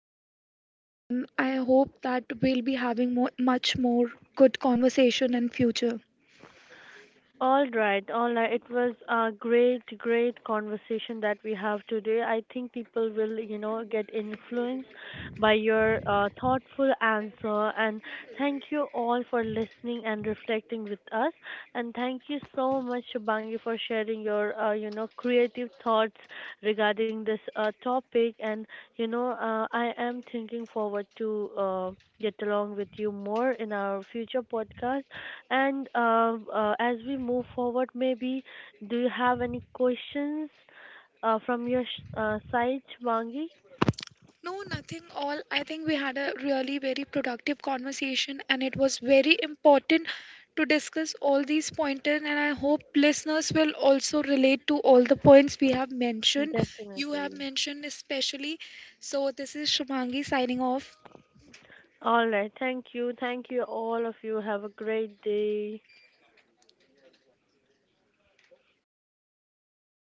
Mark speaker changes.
Speaker 1: question, and I hope that we'll be having more, much more good conversation in future.
Speaker 2: All right, all right. It was a great, great conversation that we have today. I think people will, you know, get influenced by your thoughtful answer. And thank you all for listening and reflecting with us. And thank you so much, Shubangi, for sharing your, creative thoughts regarding this topic. I am thinking forward to. Get along with you more in our future podcast. And as we move forward, maybe do you have any questions from your side, Wangi?
Speaker 1: No, nothing all. I think we had a really very productive conversation, and it was very important to discuss all these pointers. And I hope listeners will also relate to all the points we have mentioned. You have
Speaker 2: Definitely.
Speaker 1: mentioned especially. So, this is Shubhangi signing off.
Speaker 2: All right. Thank you. Thank you, all of you. Have a great day. Hope.